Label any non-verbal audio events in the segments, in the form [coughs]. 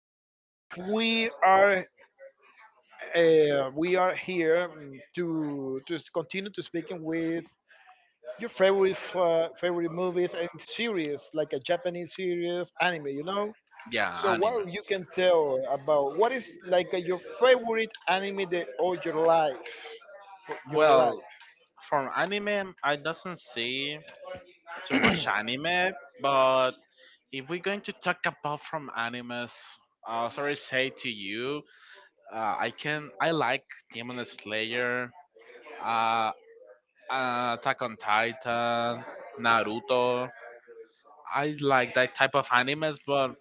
thank you so much. We are here, continue to speaking with your favorite movies and series, like a Japanese series, anime. Yeah, So what anime. you can tell about what is like your favorite anime that for your Well, life. from anime, I doesn't see too much anime, but if we're going to talk about from animes, sorry, say to you, I like Demon Slayer, uh, Attack on Titan, Naruto. I like that type of animes, but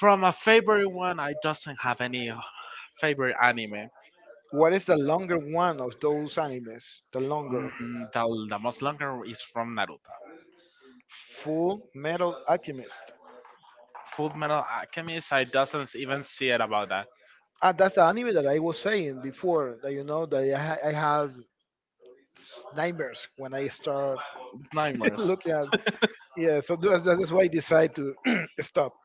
from a favorite one, I doesn't have any favorite anime. What is the longer one of those animes? The longer. The most longer is from Naruto. Full Metal Alchemist. Full Metal Alchemist, I doesn't even see it about that. Ah, that's the anime that I was saying before. That you know that I had nightmares when I start [laughs] Nightmares. looking at. Yeah, so that's why I decide to [clears throat] stop.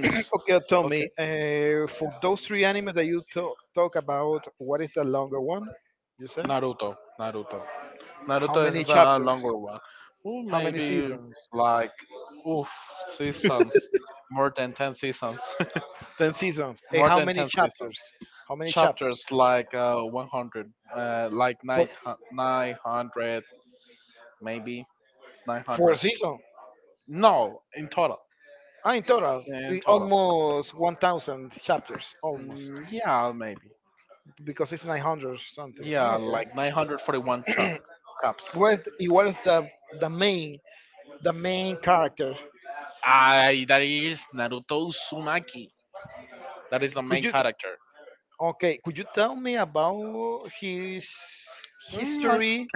[clears throat] Okay, tell Okay. me, for those three animes that you talk about, what is the longer one? You said Naruto. Naruto. how Naruto many is the chapters? longer one. How many Maybe seasons? like oof [laughs] seasons, more than 10 seasons. 10 seasons. [laughs] And More how than many 10 seasons. chapters? How many chapters? Chapters like 100, like For nine hundred, maybe nine four hundred. seasons. No, in total. Ah, in total, In total. almost 1,000 chapters, almost. Yeah, maybe. Because it's 900 or something. Oh, Yeah, okay. like 941 chop cups. What is the main the main character? I that is Naruto Uzumaki. That is the Could main you character. okay? Could you tell me about his Mm, history?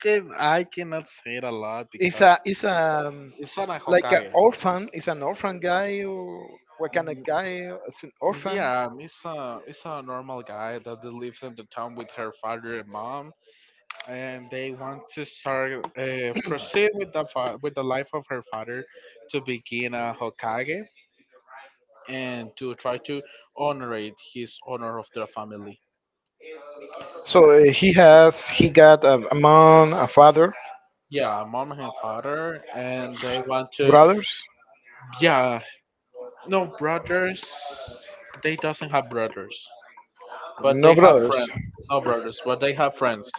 I cannot say it a lot because Is a it's not a like an Hokage. orphan? Is an orphan guy? Or what kind of Mm, guy? It's an orphan. Yeah, it's a normal guy that lives in the town with her father and mom, and they want to start proceed with the with the life of her father to begin a Hokage and to try to honor it, his honor of the family. So he got a mom, a father, Yeah, mom and father, and they want to. brothers. Yeah, no brothers. They doesn't have brothers, but No they have brothers. friends. No brothers, but they have friends.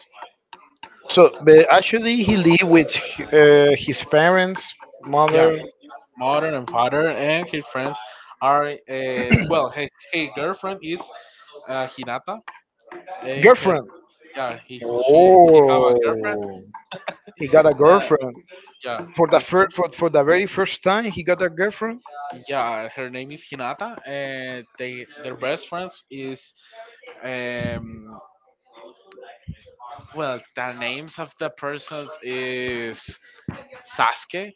So, but actually, he lived with his parents, Yeah, mother, mother and father and his friends are. Well, his girlfriend is Hinata, and her. girlfriend. Yeah, he have a girlfriend Oh, he got a that. girlfriend Yeah, for I, the very first time. He got a girlfriend. yeah, her name is Hinata, and they their best friends is um the names of the persons is Sasuke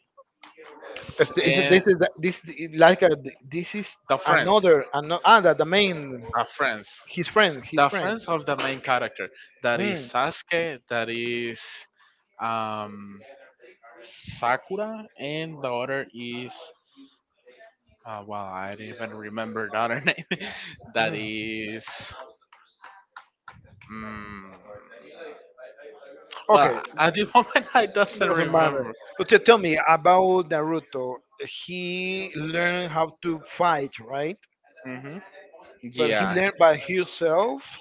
And This is this like this is the friends, another another ah the main the friends, his friend his the friend. friends of the main character. That is Mm, Sasuke. That is um, Sakura, and the other is well, I don't even remember the other [laughs] name. That mm. is. mm Okay, well, at the [laughs] moment I doesn't doesn't matter. remember. So tell me about Naruto. He learned how to fight, right? hmm But he Yeah. learned by himself,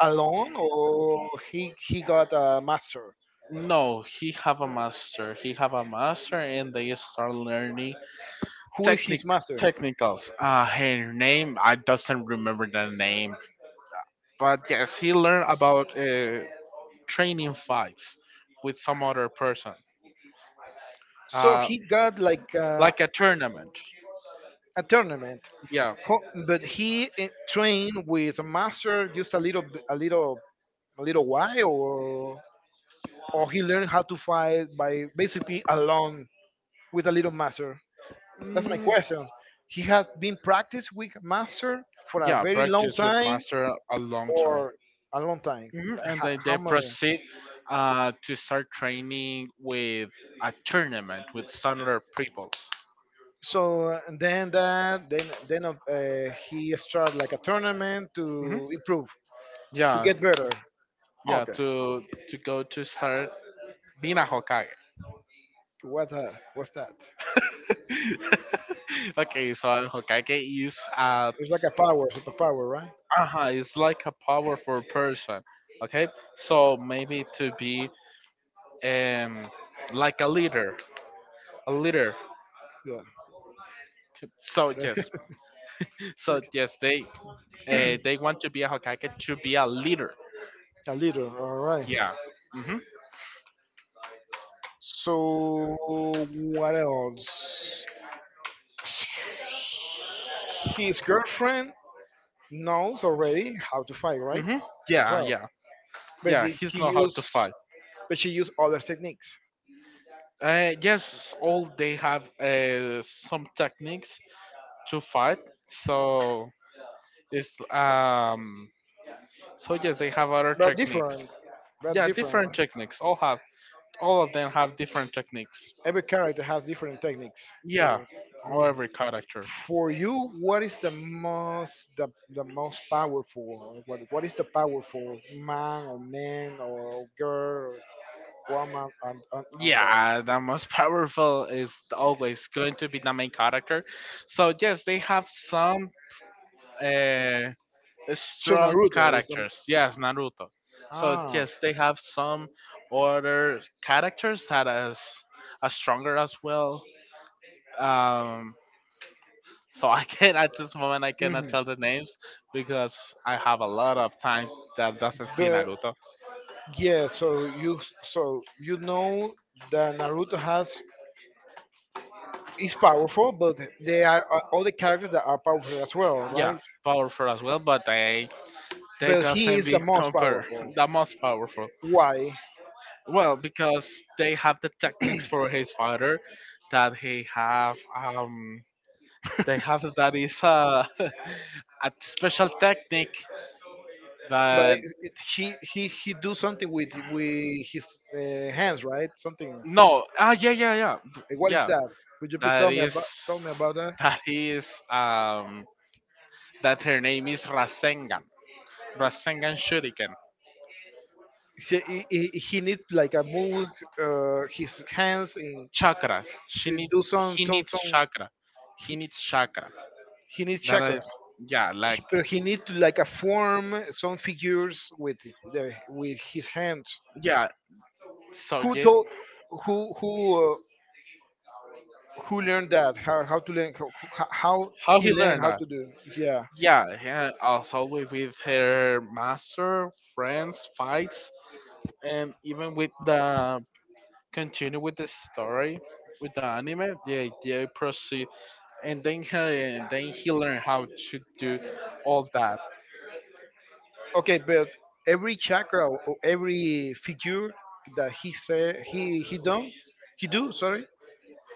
alone, or he got a master. No, he have a master. He have a master, and they start learning Who is technic his master? technicals. Her name I doesn't remember the name, but yes, he learned about training fights with some other person, So uh, he got like a, like a tournament. a tournament. Yeah, But he trained with a master just a little, b- a little while, or he learned how to fight by basically alone with a little master? That's my mm, question. He had been practiced with master for a yeah, very long practice with time, master a long time. or a long time. Mhm, Like, and How, then how they much? proceed to start training with a tournament with some other peoples. So and then that then he started like a tournament hmm to improve to yeah, get better. yeah, Okay, to go to start being a Hokage. what's that? What's that? [laughs] Okay, so a Hokage is a. It's like a power, superpower, right? It's like a powerful person. Okay, so maybe to be um like a leader, a leader. Yeah. So [laughs] yes, It's so like yes, they they want to be a Hokage to be a leader. a leader. All right. Yeah. Mhm. So what else? His girlfriend knows already how to fight, right? Mhm. As Yeah. well, Yeah. but Yeah. He's he know how to used, fight. but she used other techniques. Yes, all they have some techniques to fight. So it's so yes, they have other They're techniques. different. They're Yeah, different, different right? techniques. All of them have different techniques. Every character has different techniques. Yeah, to- all Mhm. every character. For you, what is the most the most powerful? What is the powerful man or girl, woman on on the Yeah, the most [laughs] powerful is always going to be the main character. So yes, they have some uh, so strong Naruto is the characters. Yes, Naruto. So ah yes, they have some other characters that is are stronger as well. Um, So I can At this moment I cannot Mhm. tell the names because I have a lot of time that doesn't see But Naruto. yeah, so you know that Naruto has is powerful, but there are other characters that are powerful as well, Yeah, right? powerful as well, but they But he doesn't is the be most compared. powerful. [laughs] The most powerful. Why? Well, because they have the techniques for his father that he have they have [laughs] that is a [laughs] a special technique But that. it, he do something with his hands, right? Something. No, yeah, yeah, yeah, Like, what is yeah that? Could you please that tell me is about tell me about that? that is that her name is Rasengan. Rasengan Shuriken. He needs like a move his hands in Chakras. She needs do some he some needs some. chakra. He He, needs chakra. he needs That chakra, is, yeah, like, but he needs to like a form some figures with the with his hands. yeah. So Who yeah, told who who uh, who learned that? How how he he learned learned how that? to do? Yeah. Yeah, and also with her master, friends, fights, and even with the continue with the story with the anime. Yeah, they proceed, and and then he learned how to do all that. Okay, but every chakra or every figure that he said he done he do, sorry.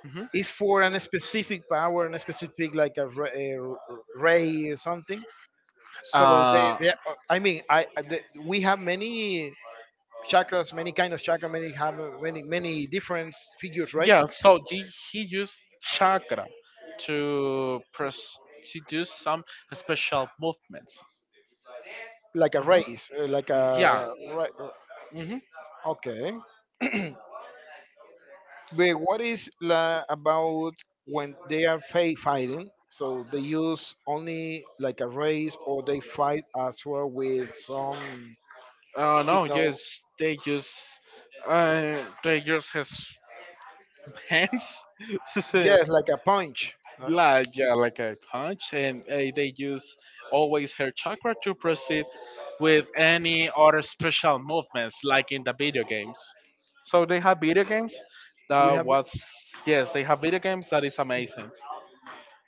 Mhm. It's for an specific power and a specific like a ray or something. So Uh, they, I mean, we have many chakras, many kind of chakra, many have many different figures, right? yeah, so he used chakra to pres- to do some special movements. Like a hmm rays, like Yeah. a right. hmm Okay. [clears throat] But what is about when they are fighting? So they use only like a race, or they fight as well with some, you no, know, yes, they use they use his hands, [laughs] yes, like a punch. Huh? like yeah, like a punch, and they use always her chakra to proceed with any other special movements, like in the video games. So they have video games We that have was. Yes, they have video games that is amazing.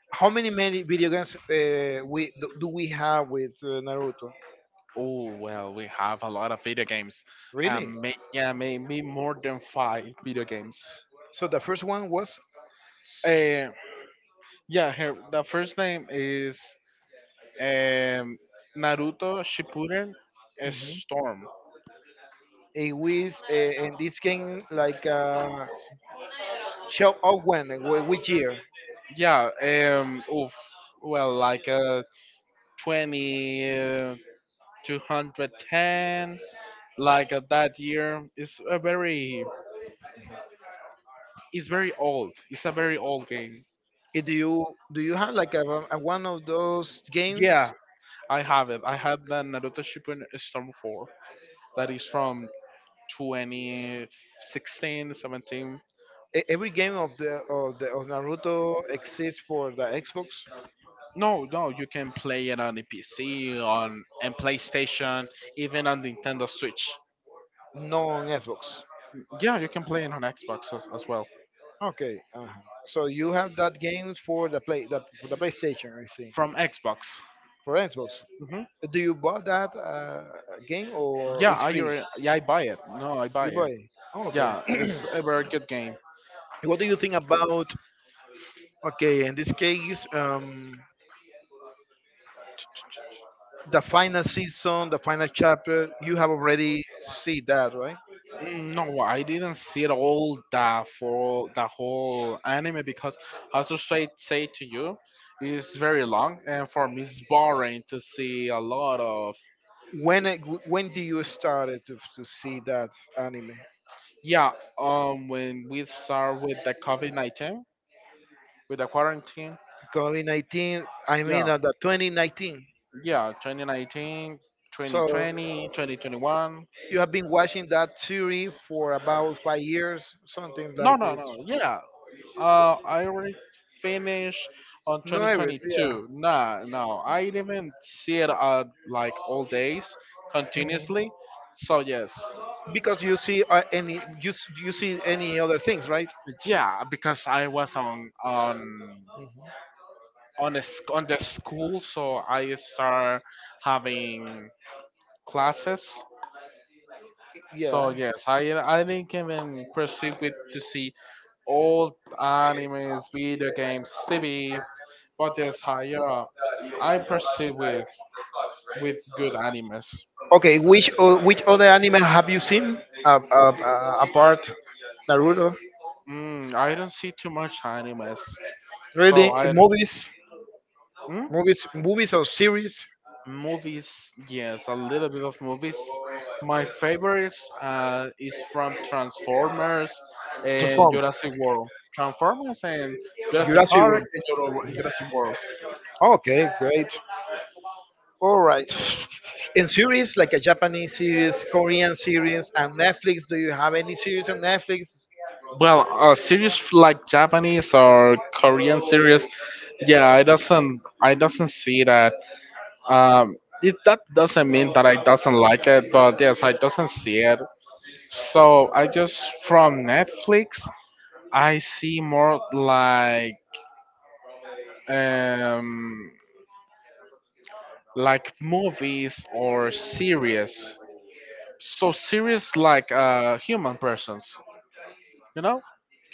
how many video games we do we have with Naruto? Oh well, we have a lot of video games. Really? Yeah, maybe more than five video games. So the first one was. Uh, yeah, her the first name is um Naruto Shippuden Mhm. Storm. a which and this game like show off when which year? Yeah, well, like 20, 210, like that year. It's very old. It's a very old game. Eh, do you have like a one of those games? Yeah, I have it. I have the Naruto Shippuden Storm 4. That is from 2016, seventeen. Every game of Naruto exists for the Xbox, No, no, you can play it on the PC, on and PlayStation, even on Nintendo Switch. no on Xbox. Yeah, you can play it on Xbox as well. Okay, so you have that game for the PlayStation, I see. From Xbox. For Xbox. hmm Do you buy that game or Yeah, it's free? I buy it. No, I buy You buy it. it. Oh, okay. Yeah, [clears throat] it's a very good game. What do you think about okay in this case, the final season, the final chapter? You have already see that, right? No, I didn't see it all the for the whole anime because, as I say to you, it's very long and for me it's boring to see a lot of. When when do you started to see that anime? Yeah, when we start with the COVID 19, with the quarantine. COVID 19. I mean, Yeah, the 2019. yeah, 2019, twenty So twenty, 2021. you have been watching that series for about 5 years, something like No, no, this. no, yeah. I already finished on No, everything. 2022. Nah, no, no, I didn't see it like all days Mhm. continuously. So, yes. Because you see you see any other things, right? Yeah, because I was Mhm. On the school, so I start having classes. So Yeah. yes, I didn't even proceed with to see old animes, video games, TV, but yes, I proceed with good animes. Okay. Which other anime have you seen apart Naruto? I don't see too much animes, so Really, I. Mm, movies or series? Movies. Yes, a little bit of movies. My favorites is from Transformers To and form Jurassic World. Transformers and Jurassic Jurassic Park World. and Jurassic World. Okay, great. All right. [sniffs] In series, like a Japanese series, Korean series, and Netflix, do you have any series on Netflix? Well, a series like Japanese or Korean series, yeah, I doesn't see that. Um, it that doesn't mean that I doesn't like it, but yes, I doesn't see it. So I just from Netflix, I see more um like movies or series. So series like human persons, you know,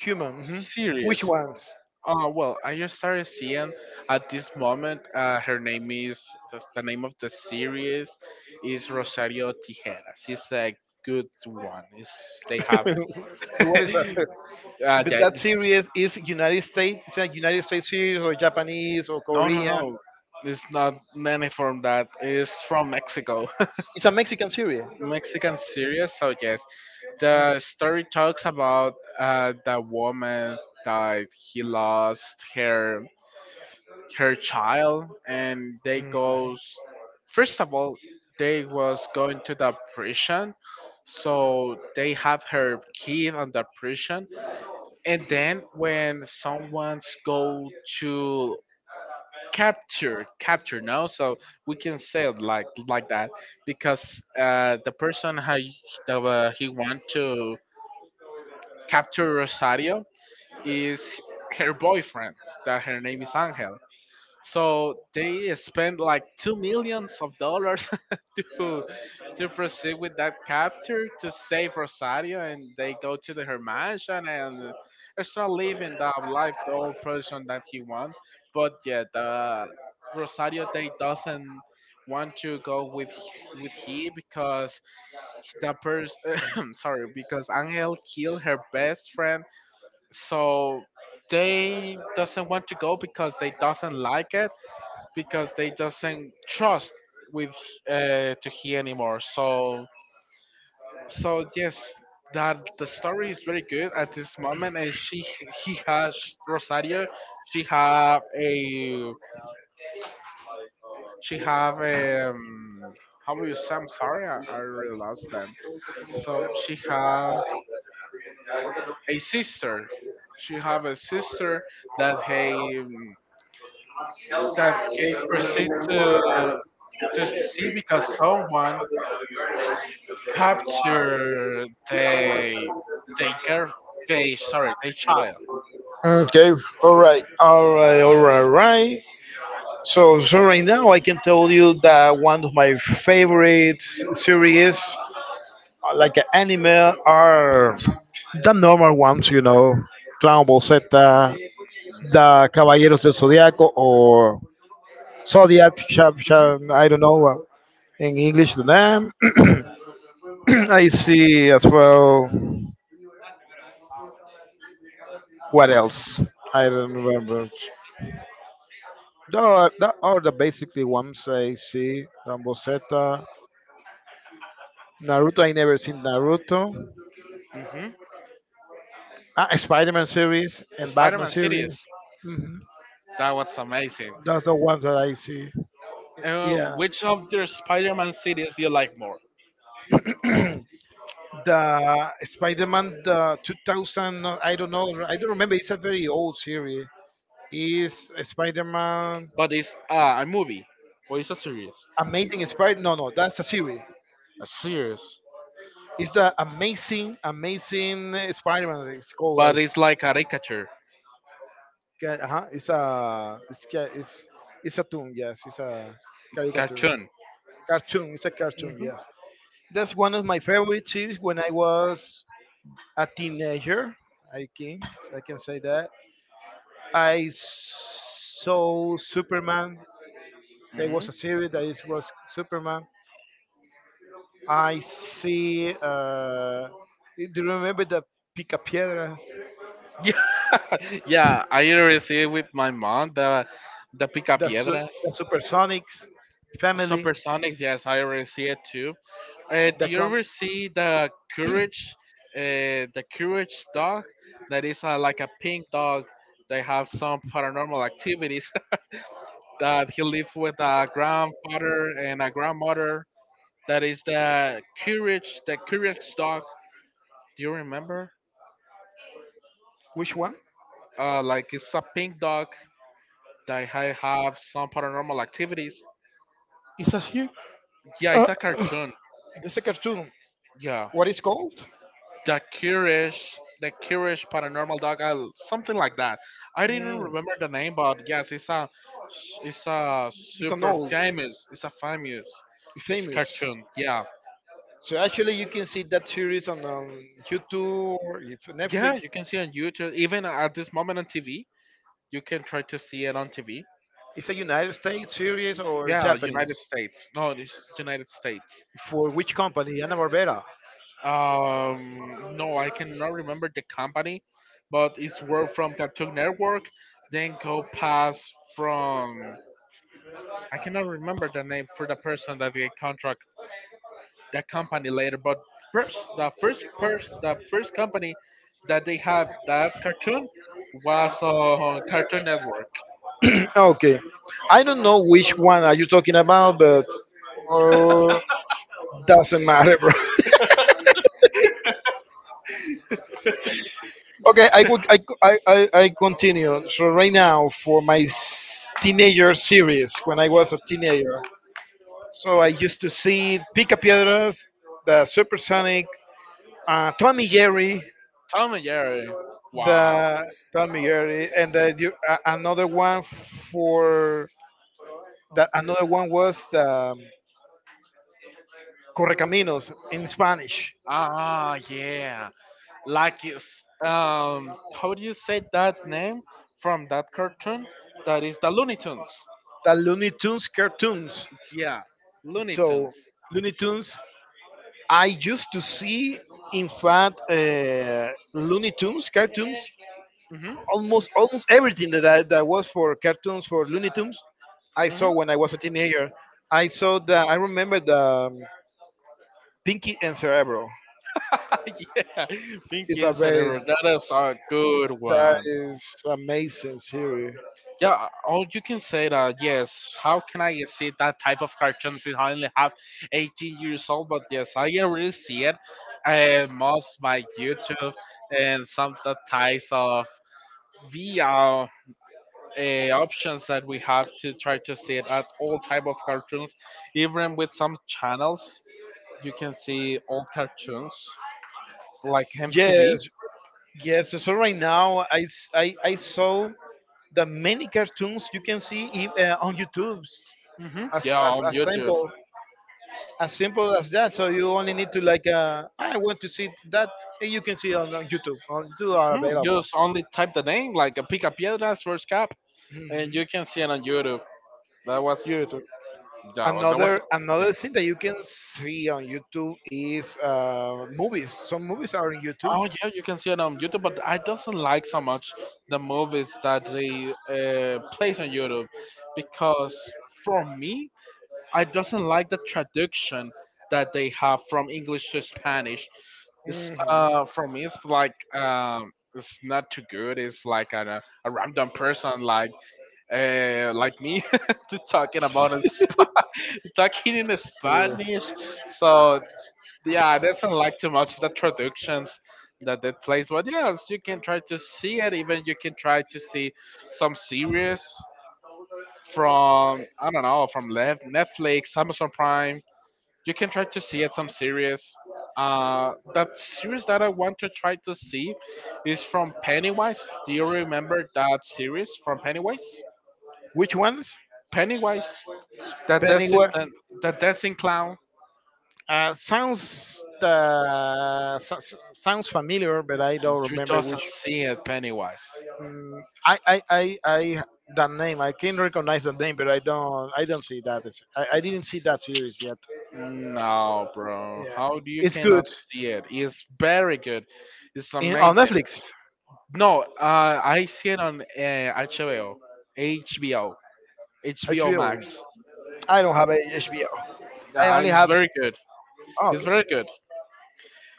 Human. Mhm. Which series. ones? Oh well, I just started seeing at this moment. Her name is the name of the series is Rosario Tijeras. She's a good one. It's, they have [laughs] What is that? But yeah, that it's. series is United States. It's a United States series or Japanese or No, no, Korea. no. It's not many from that. It's from Mexico. It's a Mexican series. [laughs] Mexican series. So yes, the story talks about the woman that he lost her. Her child, and they Mm. goes. First of all, they was going to the prison, so they have her kid on the prison. And then when someone's go to capture, capture no, so we can say it like that, because the person how he, he want to capture Rosario is her boyfriend that her name is Angel. So they spent like $2 million [laughs] to to proceed with that capture to save Rosario, and they go to the her mansion and start living the life, the old person that he want. But yeah, the Rosario they doesn't want to go with with he because the person [coughs] sorry, because Angel killed her best friend, so they doesn't want to go because they doesn't like it, because they doesn't trust with to he anymore. So yes, that the story is very good at this moment, and she he has Rosario. She have a, she have a um, how will you say? I'm sorry, I really lost them. So she have a sister. She have a sister that he, that gave proceed to see because someone capture they girl, they child. Okay, all right, all right, all right, right. So, right now I can tell you that one of my favorite series, like anime, are the normal ones, Dragon Ball Z, the Caballeros del Zodiaco, or Zodiac, shab, Mm-hmm. shab, I don't know in English the name. [clears throat] I see as well. What else? I don't remember. All the basically ones I see. Rambo Z, Naruto. I never seen Naruto. Mm-hmm. Ah, Spider-Man series and Batman Spider-Man series series. Hmm. that was amazing. That's the ones that I see. Yeah. Which of the Spider-Man series do you like more? [clears throat] The Spider-Man, the 2000, no, I don't know, I don't remember. It's a very old series. Is Spider-Man But it's a movie or it's a series? Amazing Spider? No, no, that's a series. A series, It's the Amazing Spider-Man. It's called. but I it's like a caricature think. Uh-huh. It's a it's a toon. Yes, it's a caricature cartoon. cartoon. It's a cartoon. Mm-hmm. Yes, that's one of my favorite series. When I was a teenager, I can I can say that I saw Superman. There Mm-hmm. was a series that is was Superman. I see. Do you remember the Picapiedras, Yeah, [laughs] yeah. I received with my mom the Pica the, Su- Piedras. the Supersonics family? Supersonics, yes, I already see it too. Do The you com- ever see the courage dog? That is like a pink dog. They have some paranormal activities. [laughs] That he lives with a grandfather and a grandmother. That is the courage dog. Do you remember? Which one? Like it's a pink dog that have some paranormal activities. Is that here? Yeah, it's Uh, a uh, cartoon. this a cartoon. Yeah, What is called? The Curish paranormal dog, something like that. I didn't Mm. remember the name, but yes, it's a It's an super old, famous, it's a famous famous. cartoon. Yeah, So actually, you can see that series on YouTube or if yeah, you Netflix. can see on YouTube. Even at this moment on TV, you can try to see it on TV. It's a United States series or Yeah, Japanese. United States. No, it's United States. For which company? Anna Barbera. No, I cannot remember the company, but it's work from Cartoon Network. Then go past from. I cannot remember the name for the person that they contract the company later, but first the first company that they have that cartoon was Cartoon Network. Okay, I don't know which one are you talking about, but uh, doesn't matter, bro. [laughs] Okay, I would I, co- I continue. So right now for my teenager series, when I was a teenager, so I used to see Picapiedras, the Supersonic, uh, Tommy Jerry, Tom and Jerry. Wow. Tommy Jerry, and for another one was the Correcaminos in Spanish, Ah, yeah. Like is how do you say that name from that cartoon that is the Looney Tunes? the Looney Tunes cartoons. Yeah, Looney So Tunes. Looney Tunes, I used to see, in fact, Looney Tunes cartoons Mhm. almost everything that was for cartoons for Looney Tunes, I saw Mhm. when I was a teenager. I remember the Pinky and Cerebro. [laughs] yeah, It's Pinky a and very Cerebro. That is a good That one. is amazing series. Yeah, or you can say that. Yes. How can I see that type of cartoons if I only have 18 years old? But yes, I already see it. Most by YouTube and some the ties of VR options that we have to try to see it at all type of cartoons, even with some channels you can see old cartoons like mtv. Yes, yes. So right now I saw the many cartoons you can see on YouTube. Hmm, As, yeah, as, on as youtube. simple as simple as that. So you only need to like I want to see that and you can see on YouTube. On YouTube are Hmm, available. just only type the name like a pica piedras first cap Hmm. and you can see it on youtube. that was YouTube. that was, that was Another thing that you can see on YouTube is movies. Some movies are on YouTube. Oh yeah, you can see it on YouTube, but I doesn't like so much the movies that they place on YouTube because for me I doesn't like the traduction that they have from English to Spanish. It's Mhm. For me it's like it's not too good. It's like an, a random person like me [laughs] to talking about us [laughs] talking in Yeah. Spanish. So yeah, I doesn't like too much the traductions that plays. But yes, you can try to see it. Even you can try to see some series from I don't know, from Netflix, Amazon Prime. You can try to see at some series. That series that I want to try to see is from Pennywise. Do you remember that series from Pennywise? [laughs] Which ones? Pennywise, that dancing, Pennywise. that, that dancing clown. Sounds sounds familiar, but I don't You remember which. doesn't see it, Pennywise? Mm, I that name. I can recognize the name, but I don't. I don't see that. I didn't see that series yet. No, bro. Yeah, How do you it's cannot good. see it? It's very good. It's On amazing. Netflix, No, I see it on HBO, HBO, HBO HBO. Max. I don't have a HBO. I Yeah, only it's have. very good. It's Okay. very good.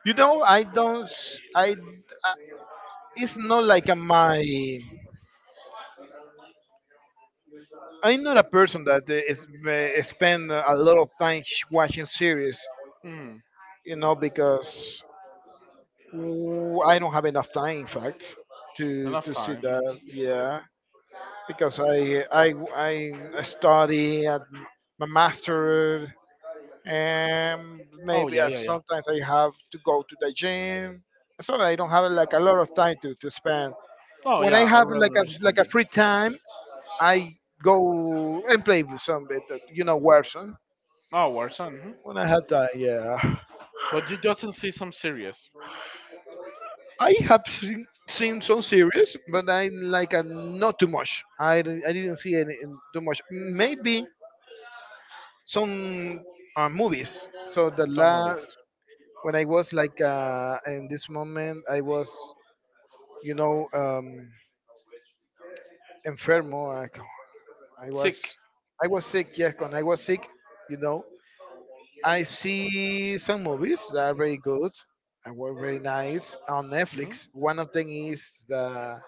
You know, I don't. I. I- It's not like a my. I'm not a person that is spend a lot of time watching series. Hmm. You know, because I don't have enough time. In fact, Enough to see time. that. Yeah, because I study at my master, and Oh maybe yeah, I, yeah, yeah. sometimes I have to go to the gym. So I don't have like a lot of time to spend. Oh When I yeah, I have really like a like understand a you. free time, I go and play with some bit, of, you know, Warzone. Oh, Warzone. Hmm. When I have time, yeah. But you doesn't see some series, I have seen some series, but I like not too much. I didn't see any too much. Maybe some movies. So the some last movies. when I was like in this moment, I was you know, um, enfermo. I Sick. was, I was sick. Yes, when I was sick, you know, I see some movies that are very good and were very nice on Hmm. Netflix. One of them is the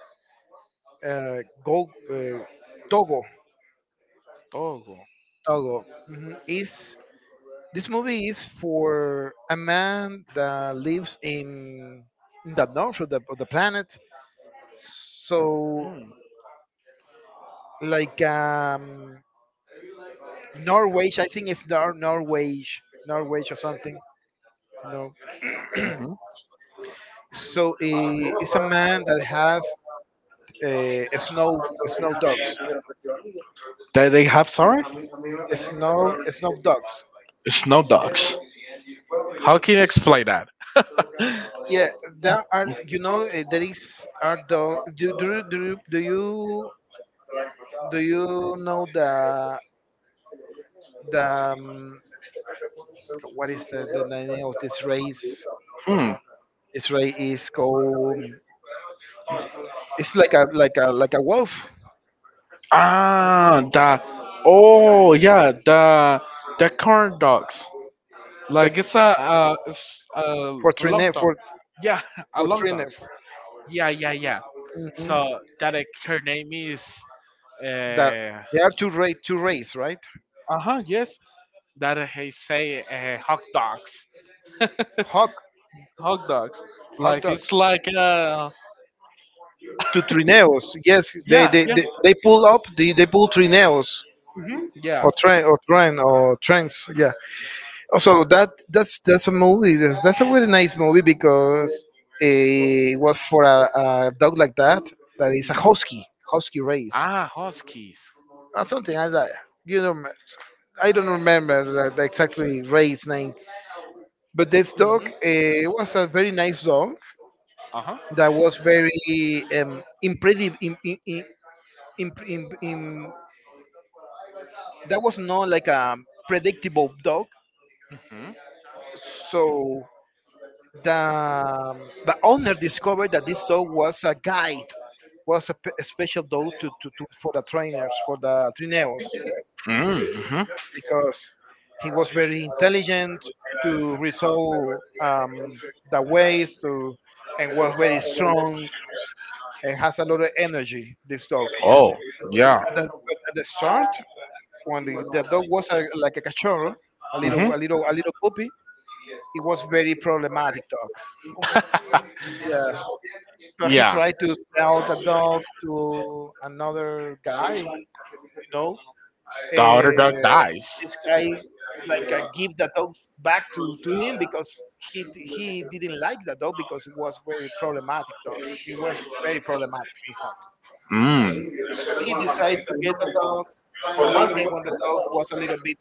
uh, Go Togo. Oh, cool. Togo, mhm, is this movie is for a man that lives in the north of of the planet. So Mm. like Norwich, I think it's Norwich, Norwich or something, you know. Hmm. So it's a man that has snow dogs, They have, sorry? snow dogs. Snow dogs. How can you explain that? Yeah, there are you know there is are dog. Do you do you know the the um, what is the name of this race? Hmm. This race is called. It's like a a wolf, Ah, the oh yeah, the corn dogs. Like like it's a it's a long Fortrine dog. for Yeah, [laughs] a long Fortrine. dogs. Yeah, yeah, yeah. Mhm. So that her name is That uh they are two race, right? uh-huh, yes. That he say hot dogs, Hawk, hot dogs. hawk Like it's dogs. like To trineos, yes, yeah, yeah, they pull up, they pull trineos mm-hmm, yeah. or trains, yeah. Also, that's a movie. That's a really nice movie because it was for a dog like that that is a Mm-hmm. Husky race Ah, huskies. or something like that. You know, I don't remember the exactly race name, but this Mm-hmm, dog was a very nice dog. uh-huh. That was very im- im- im- that was not like a predictable dog. Mm-hmm. So the owner discovered that this dog was a guide, was a special dog to for the trainers, for the trineos, Mm, hmm. because he was very intelligent to resolve the ways to and was very strong and has a lot of energy. This dog Oh, yeah. at at the start when the dog was like a cachorro, a Hmm. Little puppy, it was very problematic dog. Yeah, but he Yeah, tried to sell the dog to another guy. You know, the other dog dies. this guy like give the dog back to him because he didn't like the dog because it was very problematic dog. It was very problematic, in fact. Mm, So he decided to get a dog finally, and when the dog was a little bit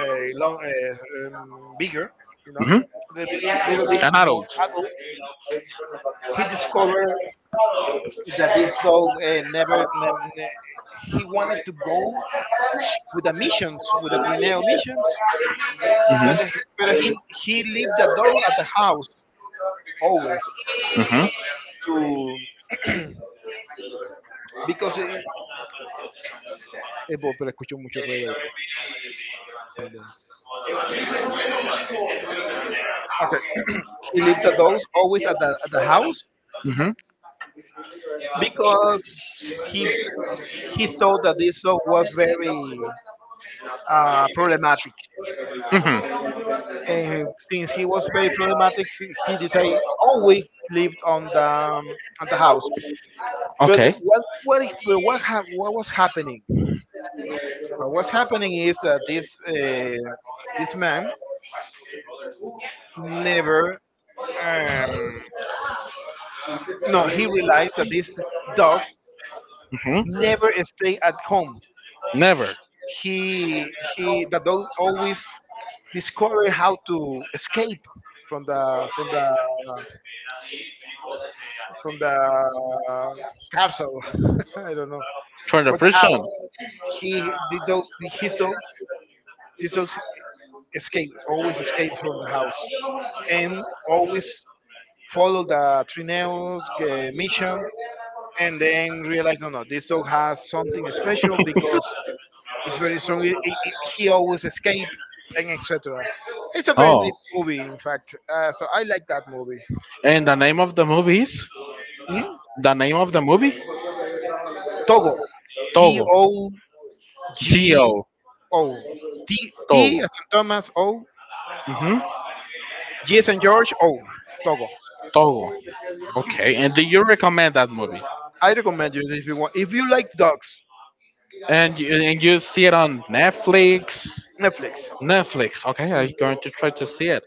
bigger, you know, hmm. A little bit An more adult. adult, he discovered that this dog never, ne- ne- he wanted to go with the missions, with the Trineo missions, Hmm. But he lived the dog at the house always Hmm. to because pero escucho mucho ruido. ¿Dónde? Okay, [clears throat] he lived the dogs always at at the house because he he thought that this song was very problematic. Hmm. Hmm. And since he was very problematic, he decided always lived on the house. But Okay. What is- but what hap- what was happening? What was happening is that this this man never um, no he realized that this dog Hmm. never stay at home. Never. He the dog always discover how to escape from the from the from the castle. [laughs] I don't know, For the but how prison. [laughs] he the dogs his dog these dogs escape always escape from the house and always follow the Trineo's mission and then realize no no this dog has something special because it's very strong. He always escape and etc. It's a very Oh, nice movie, in fact. So I like that movie. and the name of the movie is, the name of the movie, Togo. T Togo. O G Dio. O. T, T Togo. as in Thomas, O. Hmm. G as in George, O. Togo. Togo. Okay. And do you recommend that movie? I recommend you if you want. If you like dogs, And you see it on Netflix? Netflix. Netflix. Okay, I'm Mm. going to try to see it.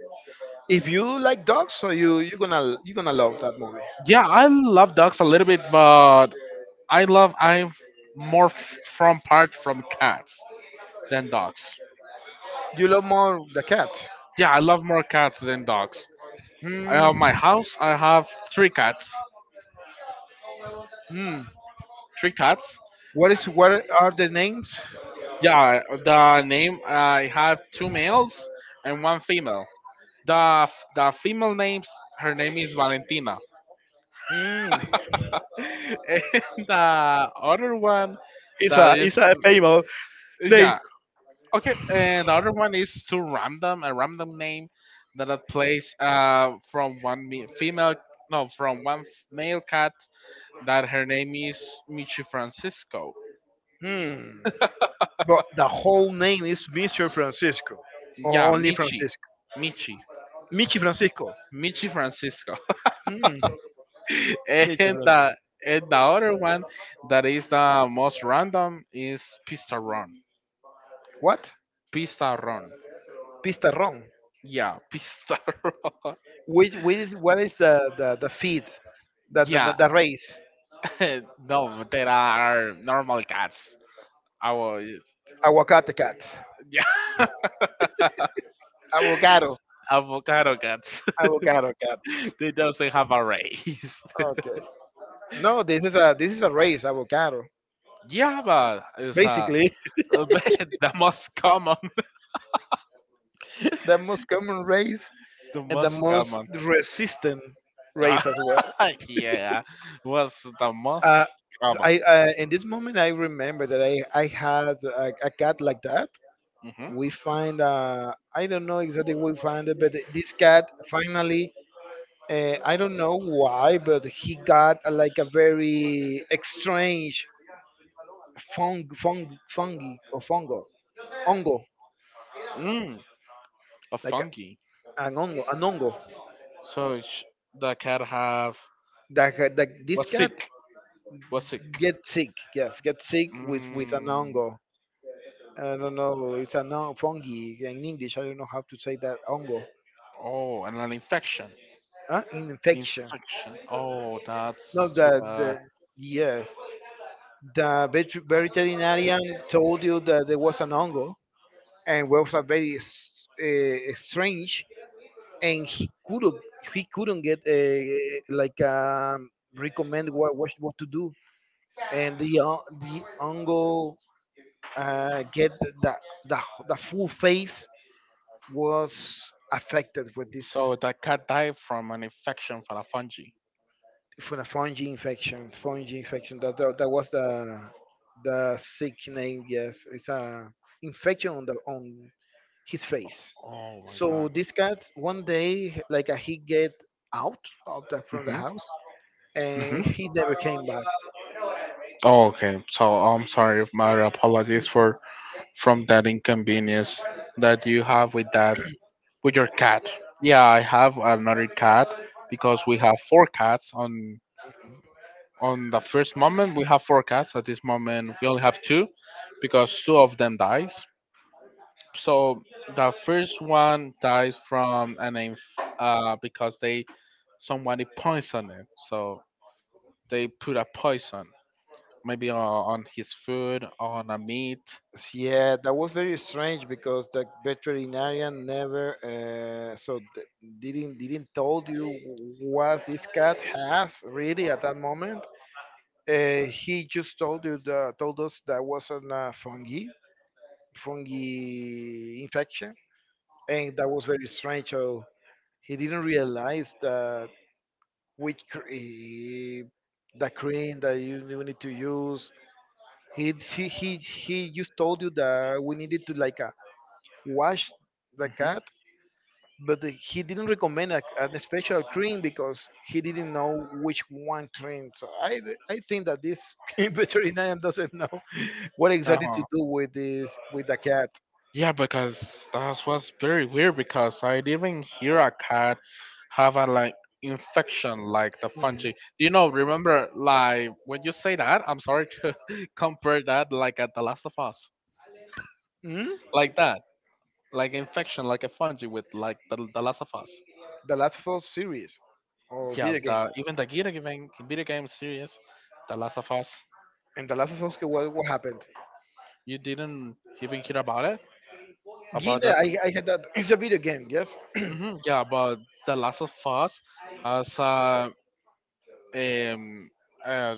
If you like dogs, so you're gonna love that movie. Yeah, I love dogs a little bit, but I love I'm more from part from cats than dogs. You love more the cat. Yeah, I love more cats than dogs. I have Hmm. my house. I have three cats. Hmm. Three cats. What is what are the names? Yeah, the name, I have two males and one female. The the female names her name is Valentina, Hmm. [laughs] and the other one that is It's a famous name. yeah, okay, and the other one is too random, a random name that it plays from one female, no, from one male cat that her name is Michi Francisco. Hmm. But the whole name is Mr. Francisco, Yeah, or only Michi, Francisco. Michi, Michi Francisco. Michi Francisco. Mm, [laughs] medium and roasted. the and the other one that is the most random is Pistaron. What? Pistaron. Pistarrón. Yeah, [laughs] Pistaron. What is the feed, Yeah, the race? [laughs] no, there are normal cats. Our Aguacate cats. yeah, [laughs] Avocado. avocado cats. Avocado cats. [laughs] they doesn't have a race. Okay. No, this is a race, avocado. [laughs] yeah, but it's Basically, [laughs] the most common. [laughs] the most common race [laughs] The and the most most common. resistant race as well. [laughs] yeah, was the most Uh, I common. In this moment I remember that I had a cat like that. Mm-hmm. We find I don't know exactly what we find it, but this cat finally I don't know why, but he got like a very strange fungi or fungo, ongo, Mm. A like a, funky. an ongo, an ongo. So sh- the cat have That, ha- that this was cat sick. Was sick. get sick, yes, get sick with an Mm. ongo. I don't know, it's a non fungi in English. I don't know how to say that ongo, Oh, and an infection. huh? Infection. Infection. Oh, No, that's too that the bad. yes. The veterinarian told you that there was an ongo and was a very strange, and he couldn't get recommend what, what to do, and the ongo get the the full face was affected with this So the cat died from an infection for a fungi. from a fungi infection. Fungi infection that was the sick name. Yes, it's a infection on the on his face. Oh my So god. this cat one day, like he get out of the from the Hmm. house Hmm. and he never came back. Oh, okay. So I'm sorry. My apologies for from that inconvenience that you have with that, with your cat. Yeah, I have another cat because we have four cats on the first moment we have four cats, at this moment we only have two because two of them dies. So the first one dies from an because they somebody poisoned it, so they put a poison maybe on his food, on a meat. Yeah, that was very strange because the veterinarian never didn't told you what this cat has really at that moment. He just told you told us that was an fungi fungi infection, and that was very strange. So he didn't realize that with the cream that you need to use. He just told you that we needed to like wash the cat, but he didn't recommend a special cream because he didn't know which one cream. So I think that this [laughs] veterinarian doesn't know [laughs] what exactly Hmm. to do with this with the cat. Yeah, because that was very weird because I didn't hear a cat have a like infection like the fungi. Mhm. You know, remember like when you say that, I'm sorry to [laughs] compare that like at The Last of Us. Mhm. Like that. Like infection like a fungi with like the Last of Us. The Last of Us series or Yeah, video game. the even the video game series, The Last of Us. And The Last of Us, what happened? You didn't even hear about it? About Gina, that. I had that. It's a video game, yes? [clears throat] Hmm, yeah, about The Last of Us. Has a um uh,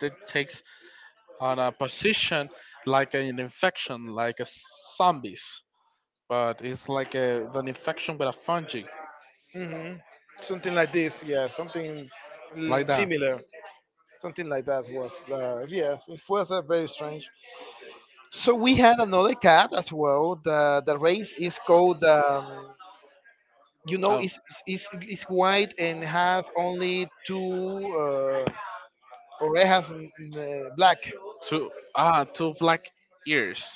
that takes on a position like an infection, like a zombies, but it's like an infection with a fungi, hmm Something like this, yeah, something like mm, that. similar. Something like that was, yes, it was very strange. So we had another cat as well. The race is called, you know, Oh, it's white and has only two uh, orejas, mm, black, two, ah, two black ears.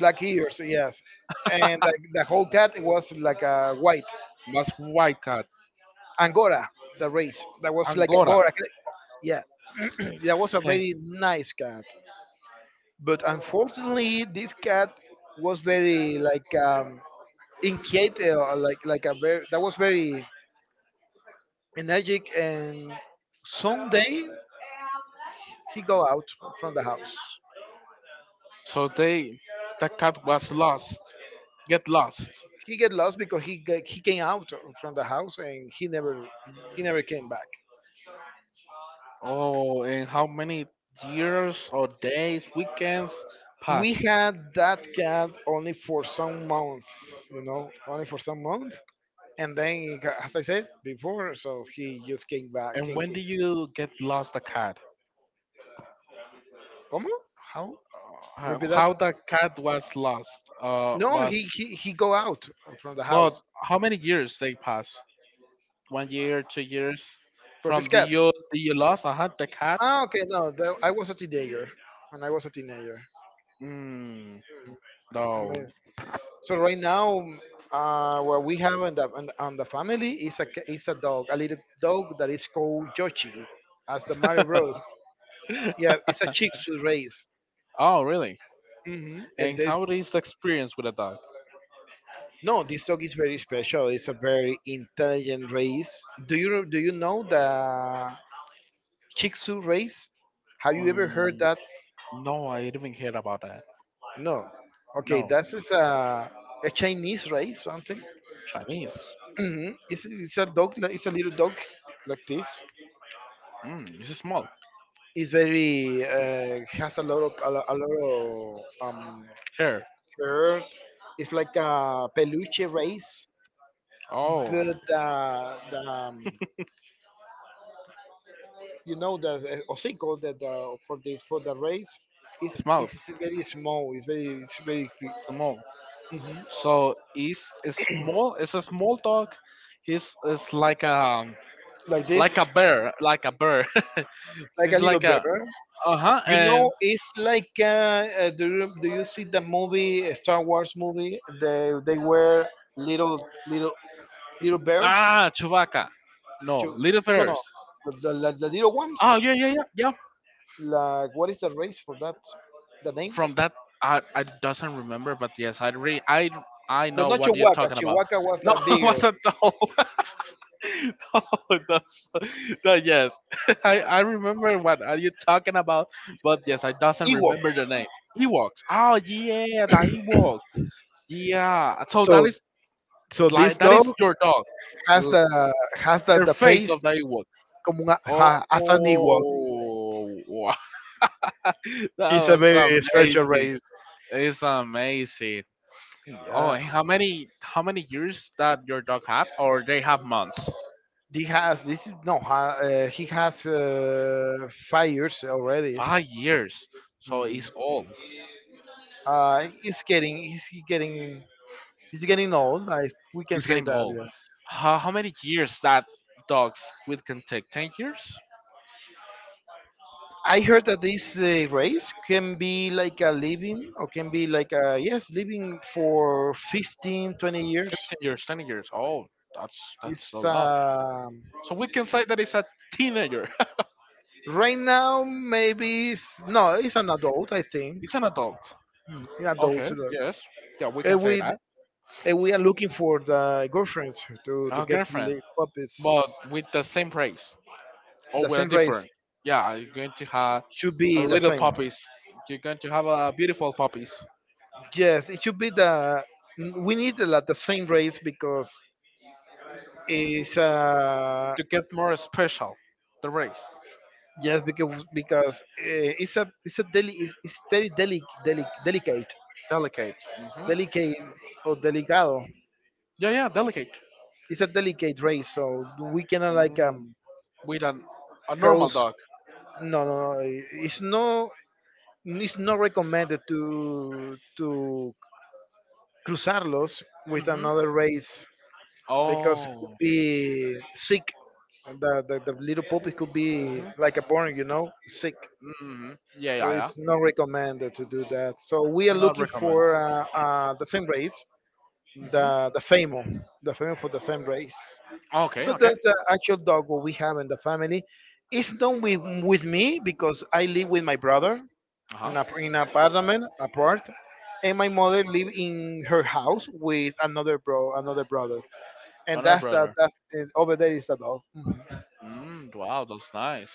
black ears, yes. And the whole cat was like white. That's white cat, Angora, the race that was like Angora. Angora. Yeah, [clears throat] that was a very Hey, nice cat. But unfortunately, this cat was very like inquiet, like a very that was very energetic. And someday he go out from the house. so they, the cat was lost. Get lost. He get lost because he came out from the house and he never came back. Oh, and how many years or days, weekends We pass? had that cat only for some month, you know, only for some month. And then, as I said before, so he just came back. And when do you get lost the cat? ¿Cómo? How? Repeat that. How the cat was lost? No, Was, he go out from the house. well, how many years they pass? One year, 2 years From this from cat. The you lost. Uh huh. The cat. Ah, okay, no, that, I was a teenager. When I was a teenager. Mm, Um, no. So right now, what we have on on the family is is a dog, a little dog that is called Yoshi, as the Mario [laughs] Bros. Yeah, it's a Shih Tzu race. oh, really? Hmm. And And this, how is the experience with a dog? no, this dog is very special. It's a very intelligent race. Do you know the Shih Tzu race? Have you ever heard Mm, that? no, I didn't even hear about that. No. Okay, No, this is a Chinese race something. Chinese. Hmm. It's a dog. Like- It's a little dog like this. Mm, it's small. It's very has a lot of a lot of um, Hair. fur. It's like a peluche race, Oh, but the you know that Hocico that for the race his mouth. is very small. It's very cl- Small. Mhm. So he's a small. It's a small dog. He's it's Like like this, a bear, like a bear. [laughs] like a it's little like bear. a uh huh. You And know, it's like do you see the movie Star Wars movie? They were little little bears. ah, Chewbacca. No, You, Little no no. Feathers. The little ones, Oh yeah, yeah, yeah, yeah. like what is the race for that? The names, From that, I doesn't remember, but yes, I I but know not what you're Chihuahua. talking about. Chihuahua was No, the [laughs] it bigger wasn't the whole. [laughs] no, that's- no, yes, [laughs] I remember what are you talking about, but yes, I doesn't Ewok. remember the name. Ewoks. Oh yeah, the Ewok. Yeah. So that So, is so this like that is dog your dog. has L- the has her the face face of the Ewok. como un, a- Oh, ha- as an Ewok. [laughs] that It's a was very special amazing. race. It's amazing. Oh, Yeah, and how many years that your dog have, or they have months? he has this. Is- No, ha- He has 5 years already. 5 years. So Mm. he's old. He's getting, he's getting, he's getting old. I We can He's say getting that. old. Yeah. How many years that dogs with can take? 10 years? I heard that this race can be like a living, or can be like a yes, living for 15, 20 years. 15 years? 20 years? Oh, that's a It's lot. So we can say that it's a teenager. Right now, maybe it's, no, it's an adult, I [laughs] think. it's an adult. An adult. Okay. Look. Yes. Yeah, we can And say we that. and we are looking for the girlfriends to Our get girlfriend, the puppies. but with the same race, or The with a same different. race Yeah, you're going to have should a be the little same. puppies. You're going to have a beautiful puppies Yes, it should be the We need the, like, the same race because it's to get more special. The race, yes because it's a deli it's very delicate delicate. Hmm. delicate or delicado. Yeah, yeah, delicate. It's a delicate race, so we cannot Mm. With an, a normal cross. dog. No, no, no. It's no, it's not recommended to cruzarlos with Hmm. another race because it could Oh. be sick. The little puppies could be Hmm. like a born, sick. Hmm. Yeah, So yeah, it's yeah. not recommended to do that. So we are Not looking for recommend. The same race, Hmm. the the Famo, the Famo for the same race. Okay, So okay. that's the actual dog what we have in the family. It's not with me because I live with my brother. Uh In huh. a, apartment apart, and my mother lived in her house with another brother, and Honor brother. that's, and over there is the dog. Mhm. Mm, wow, that's nice.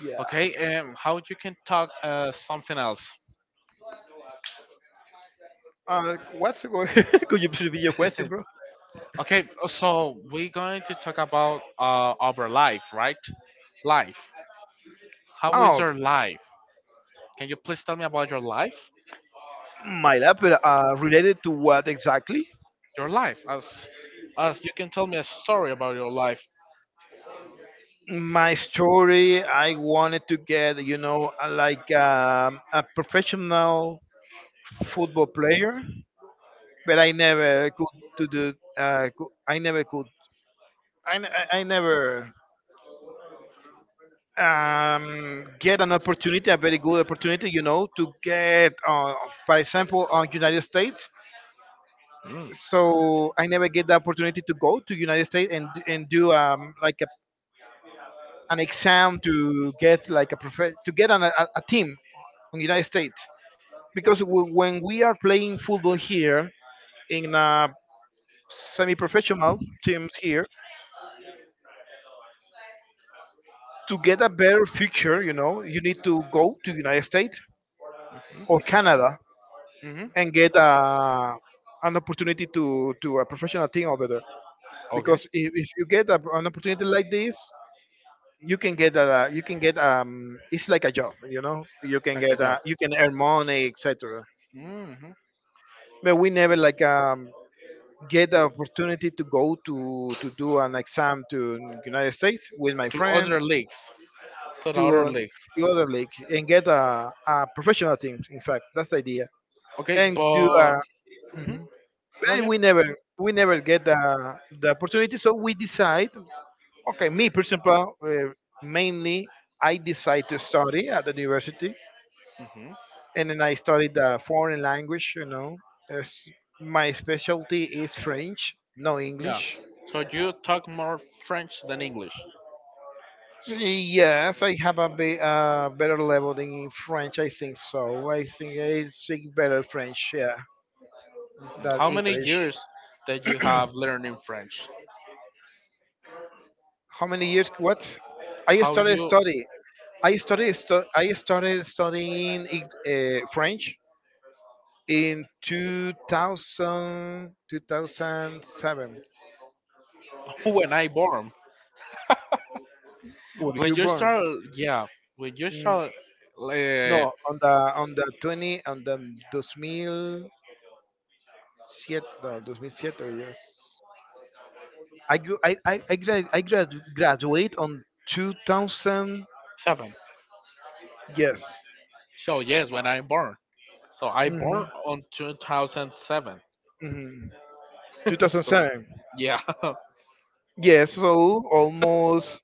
Yeah. Okay, how you can talk something else? What's, [laughs] could you repeat your question, bro? Okay, so we're going to talk about our life, right? Life. How is Oh, your life? Can you please tell me about your life? my lab related to what exactly? Your life, as you can tell me a story about your life. My story, I wanted to get, a professional football player, but I never could to do I never could. I, n- I never get an opportunity, a very good opportunity, you know, to get, for example, on United States. Mm. So I never get the opportunity to go to United States and do like a, an exam to get like a to get on a, a team in United States, because when we are playing football here in semi-professional teams here, to get a better future, you know, you need to go to United States Mm-hmm. or Canada Mm-hmm. and get an opportunity to a professional team over there. Okay. Because if you get a, an opportunity like this, you can get a you can get it's like a job, you know. You can Like a job. You can earn money, etc. Hmm. But we never get the opportunity to go to do an exam to United States with my To friend, other leagues. To the to other uh, leagues. to other league and get a professional team. In fact, that's the idea. Okay, And do a but hmm mhm. no, And yeah, we never, we never get the opportunity, so we decide, okay, me for example, mainly, I decide to study at the university. hmm And then I studied the foreign language, you know, as my specialty is French, no, yeah. English. So you talk more French than English. Yes, I have a better level than in French, I think. So I think I speak better French, yeah, Mm, than how many English. years that you have learning French? How many years what? I How started you, study. I started studying French in 2000 2007. [laughs] when I born? Were When you you born? start, yeah, when you Mm, start uh, No, on the 20 on the 2007, no, 2007, yes. I gr- I grad, graduate on 2000, seven. yes. So yes, when I born. So I Hmm. born on 2007. Hmm. [laughs] so 2007. yeah, Yes, so almost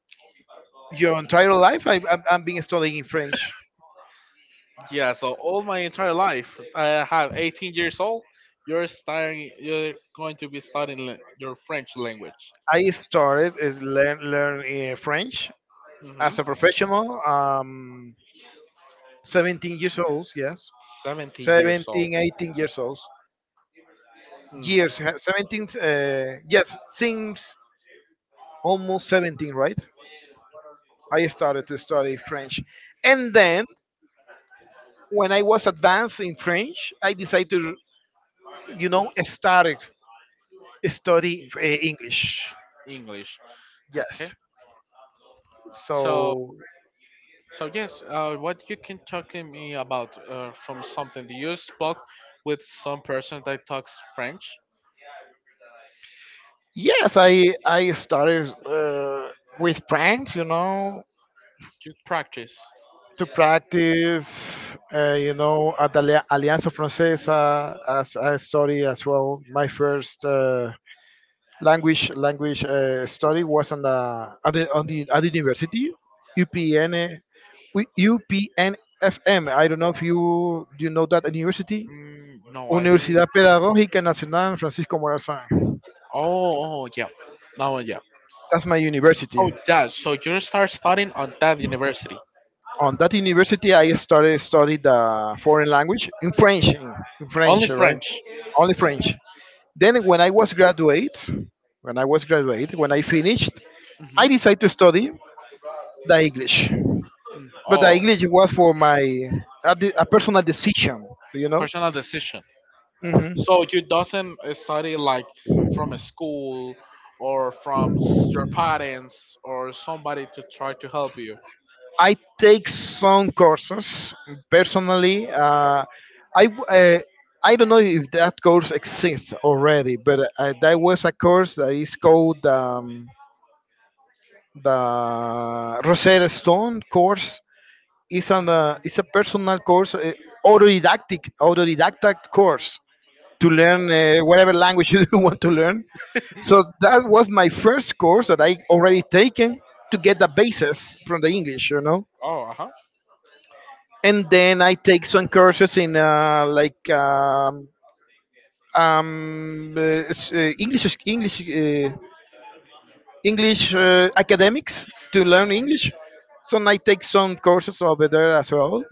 your entire life I've been studying French. [laughs] yeah. So all my entire life, I have 18 years old. You're starting. You're going to be studying your French language. I started learn French Mm-hmm. as a professional. 17 years old, yes, 70 years old. 17, 18 years old. Mm, Years, 17. Yes, seems almost 17, right? I started to study French, and then when I was advanced in French, I decided to, you know, started study English. English. Okay. Yes, So, so so yes. What you can talk to me about from something? Do you spoke with some person that talks French? yes, I started with friends, you know, Do you practice? to practice, you know, at the Alianza Francesa as a study as well. My first language study was on the at the, on the at the university, UPN, UPNFM. I don't know if you know that university, Mm, no, I didn't. Universidad Pedagógica Nacional Francisco Morazán. Oh, oh, yeah. Now, yeah. That's my Oh, university. that. So you start studying on that university. On that university, I started study the foreign language in French, in French, Only right? French. Only French. Then when I was graduate, when I finished, I Hmm. decided to study the English. But the Oh, English was for my a personal decision, you know. personal decision. Mhm. So you doesn't study like from a school or from your parents or somebody to try to help you. I take some courses personally. I w- uh, I don't know if that course exists already, but there was a course that is called the Rosetta Stone course. It's a personal course, autodidactic course to learn whatever language [laughs] you want to learn. So that was my first course that I already taken to get the basis from the English, you know. Oh, uh huh. And then I take some courses in like um, uh, s- English English English academics to learn English. So I take some courses over there as well.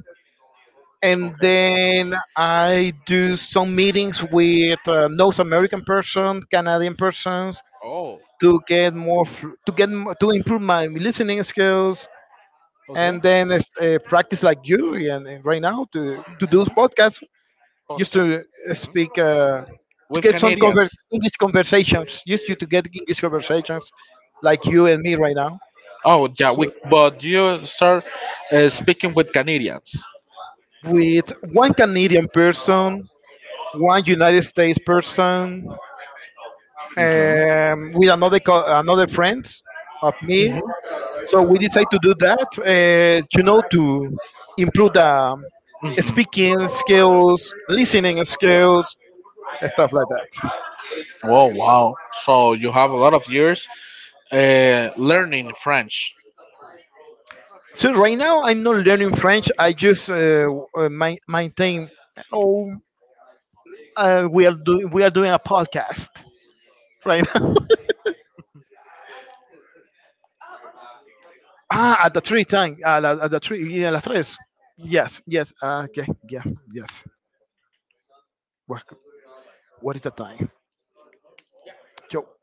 And Okay. then I do some meetings with North American person, Canadian persons Oh, to get more fl- to get m- to improve my listening skills, okay. and then practice like you and right now to do Mm-hmm. podcasts just to Podcast. Hmm. speak to With get some Canadians. English conversations, just you to get English conversations like you and me right now. Oh, yeah. So We, but you start speaking with Canadians. with one Canadian person, one United States person, with another friend of me. Mm-hmm. So we decided to do that, you know, to improve the speaking skills, listening skills, and stuff like that. Oh, wow. So you have a lot of years learning French. So right now I'm not learning French. I just my, maintain. Oh, we are doing a podcast right now. [laughs] ah, at the three time, at the three, yeah, la tres. Yes, yes. Okay, yeah, yes. What, what is the time? Yo.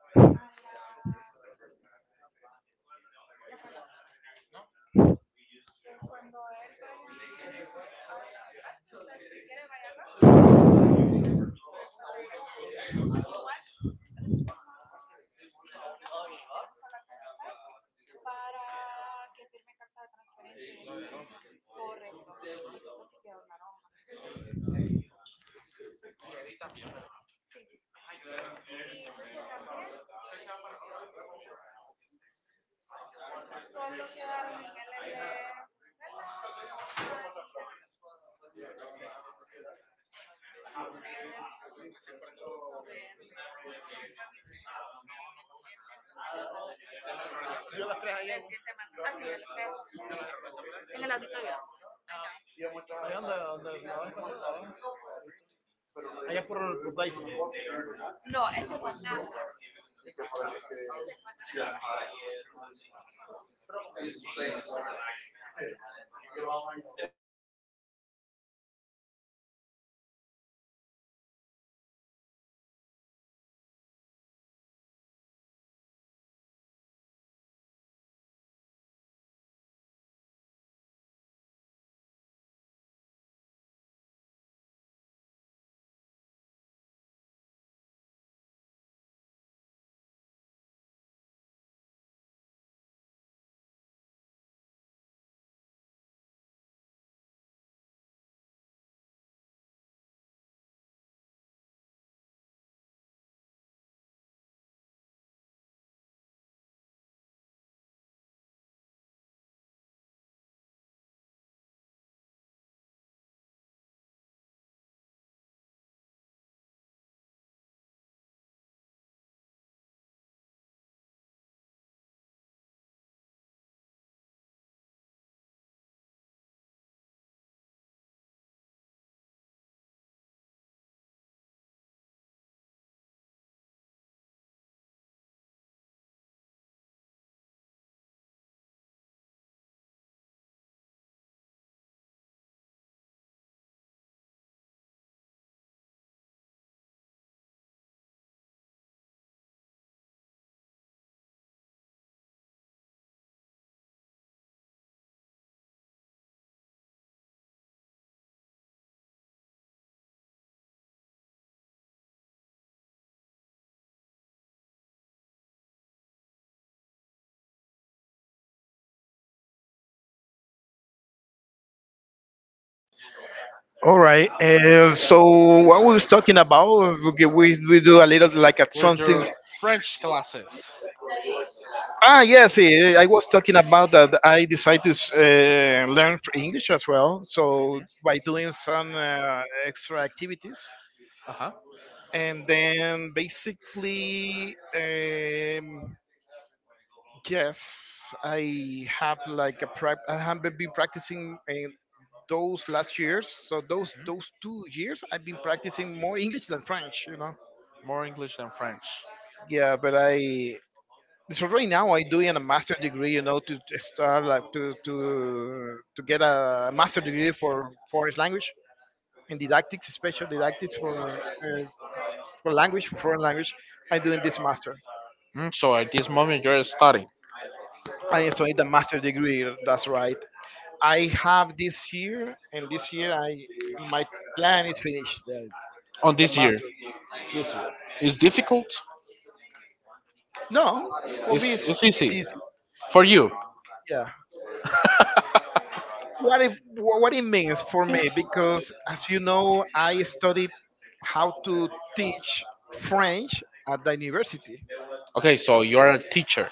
All right. So what we was talking about? Okay, we do a little like at With something. your French classes? Ah, yes. I was talking about that I decided to learn English as well. So by doing some extra activities, Uh huh. and then basically, yes, I have I have been practicing in those last years. So those 2 years, I've been practicing more English than French. You know. More English than French. Yeah, but I, so right now I doing a master degree, you know, to start like to to get a master degree for foreign language and didactics, special didactics for language for foreign language. I'm doing this master. Mm, so at this moment you're studying I also need a master degree. That's right. I have this year, and this year I, my plan is finished on the this year. master this year. It's difficult. No, for me It's it's easy easy. for you. Yeah. [laughs] What it what it means for me, because as you know, I study how to teach French at the university. Okay, so you're a teacher.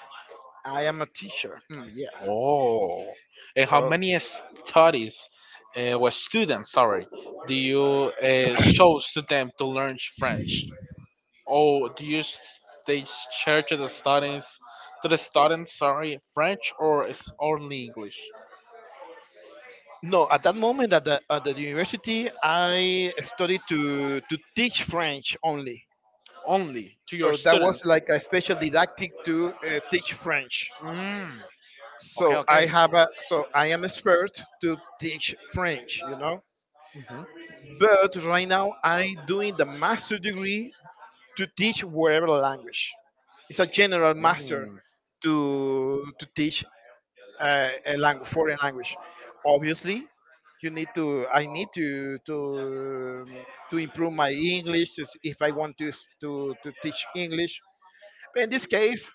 I am a teacher. Yes, Oh, and how so many studies or students, sorry, do you show to them to learn French? Oh, do you they share to the students, sorry, French or it's only English? no, at that moment at the university, I studied to teach French only. Only to your So that was students. like a special didactic to teach French. Mm. Okay, So I okay. have a, so I am expert to teach French, you know. Mm-hmm. But right now I doing the master degree to teach whatever language. It's a general master Mm. to teach a language, foreign language. Obviously, you need to. I need to to improve my English to, if I want to to teach English. But in this case,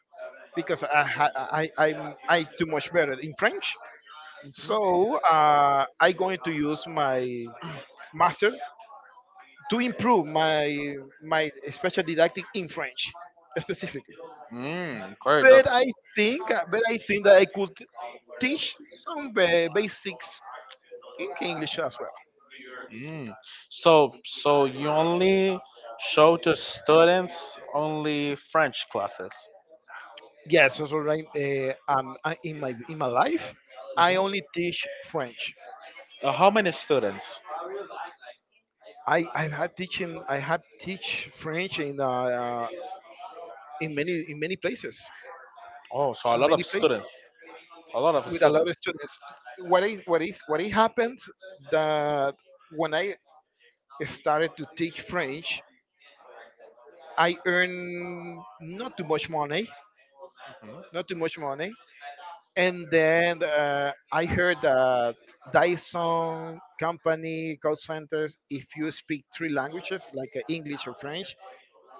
because I ha- I I'm I too much better in French, Mm-hmm. so I going to use my master to improve my special didactic in French specifically. Mm, great. That's But I but I think that I could teach some basics in English as well. mm. So so you only show to students only French classes. Yes, so so right, in my life, I only teach French. How many students? I had teach French in in many in many places, Oh, so a in lot of many places students. A lot of with a lot of students. students. What is what is what it happened that when I started to teach French, I earned not too much money, Mhm, not too much money, and then I heard that Dyson company call centers. If you speak three languages, like English or French,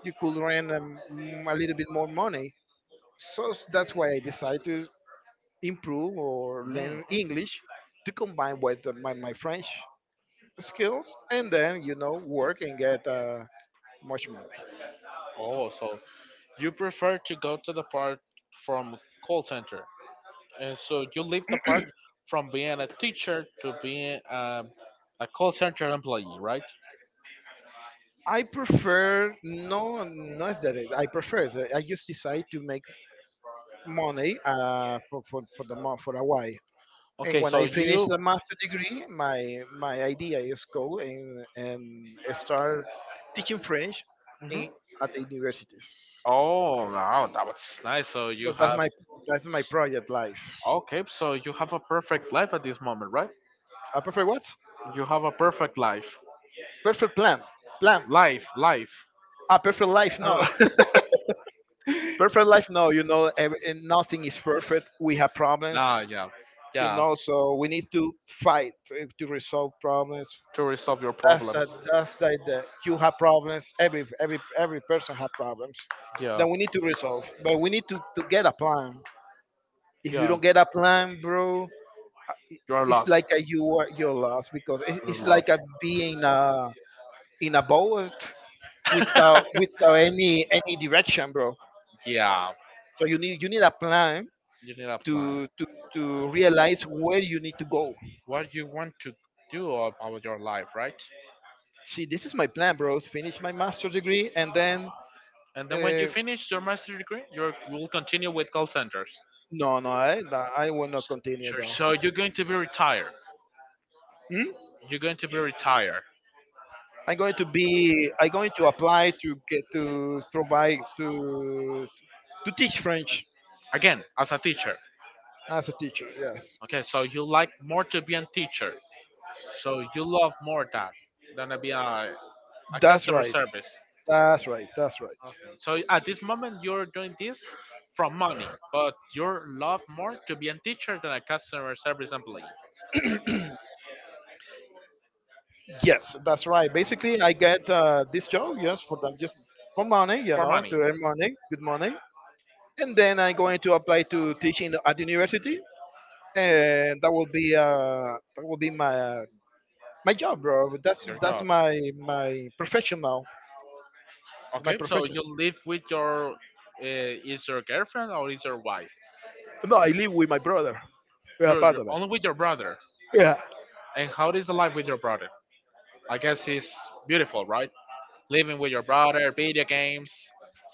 you could earn a little bit more money. So that's why I decided to improve or learn mhm. English to combine with my French skills, and then you know work and get much money. Oh, so you prefer to go to the part from call center, and so you leave the part from being a teacher to being a call center employee, right? I prefer no, not that I prefer, that I just decide to make money for the for a while. And Okay, when so I finish you. the master degree, my idea is go and start teaching French Mhm. in at the universities. Oh wow, that was nice. So So you that's have. my, that's my project life. Okay, so you have a perfect life at this moment, right? A perfect what? You have a perfect life. Perfect plan. Plan. Life, life. A perfect life. [laughs] No. ah, [laughs] perfect life. No. You know, and nothing is perfect. We have problems. yeah. You Yeah. know, so we need to fight, to resolve problems. To resolve your That's the, problems. that's the you have problems. Every every person have problems that Yeah. we need to resolve, but we need to get a plan. If you Yeah. don't get a plan, bro, i- You are it's like a lost. you are, you're lost, because You're it's like lost. a being in a boat without without any any direction, bro. Yeah. So you need, you need a plan You need a plan. to to realize where you need to go. What you want to do about your life, right? See, this is my plan, bro, finish my master's degree, and then And then when uh, you finish your master degree, you will continue with call centers. no, no, I, no, I will not So, continue sure, though. so you're going to be retired. Hmm? You're going to be retired. I'm going to be. I'm going to apply to get to provide to teach French Again, as a teacher. as a teacher. Yes, Okay, so you like more to be a teacher. So you love more that than to be a that's customer right. service. That's right. That's right. Okay. So at this moment you're doing this from money, but you love more to be a teacher than a customer service employee Yes, that's right. Basically, I get this job. Yes, for them just for money. You for know, to money, earn money, good money. And then I'm going to apply to teaching at the university, and that will be my my job, bro. Your That's job. my my professional. My Okay. So profession. you live with your is your girlfriend or is your wife? No, I live with my brother. We are part You're of it. only with your brother. Yeah. And how is the life with your brother? I guess it's beautiful, right? Living with your brother, video games,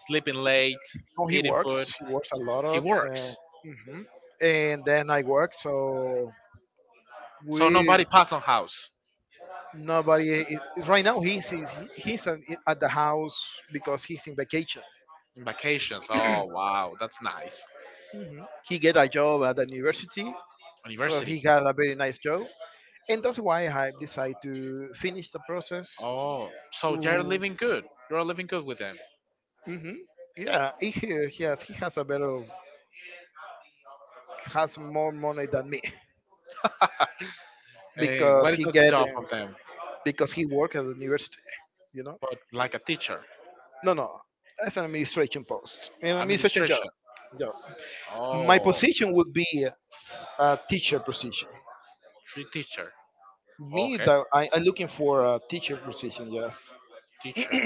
sleeping late, No, he eating food. works. He works a lot. He Of, works. mhm. And then I work. So So we, nobody pass on house nobody is, right now. He's, at, at the house because he's in vacation. in vacations. Oh wow, that's nice. Mhm. He get a job at the university, so University. he got a very nice job, and that's why I decided to finish the process. Oh, so you're To. living good. You're living good with them. Mhm. Yeah, he, he has a better, has more money than me, And because what is he the get job of them? because he work at the university. You know, But like a teacher, no, no, as an administration post, an administration job. administration. Job. My Oh, position would be a teacher position. three teacher. Me, Okay, that I'm looking for a teacher position. Yes, teacher.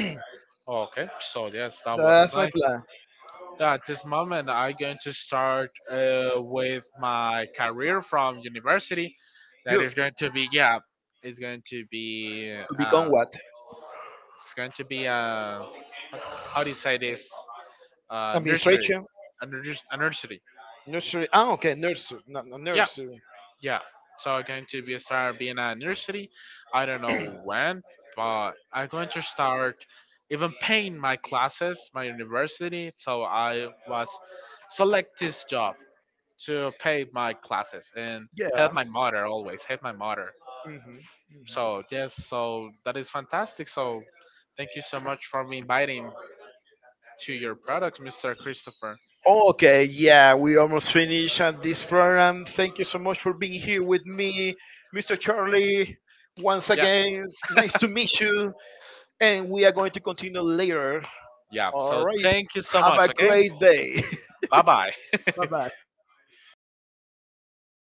Okay, so yes, that was that's my nice. plan. Yeah, at this moment, I'm going to start with my career from university. That You is going to be yeah, it's going to be to become what? it's going to be a what- how do you say this? Nursery, Administration, a, a nursery. nursery. Ah, okay, nursery, not no, Yeah, nursery. yeah. So I'm going to be start being a nursery. I don't know when, but I'm going to start even paying my classes, my university. So I was select this job to pay my classes and help Yeah. my mother always help my mother. Hmm. So yes, so that is fantastic. So thank you so Hmm. much for inviting to your product, Mr. Christopher. Okay, yeah, we almost finished at this program. Thank you so much for being here with me, Mr. Charlie. Once Yeah, again, it's nice to meet you, and we are going to continue later. yeah. All So right, thank you so have much. a Okay, great day. bye bye. [laughs] bye bye.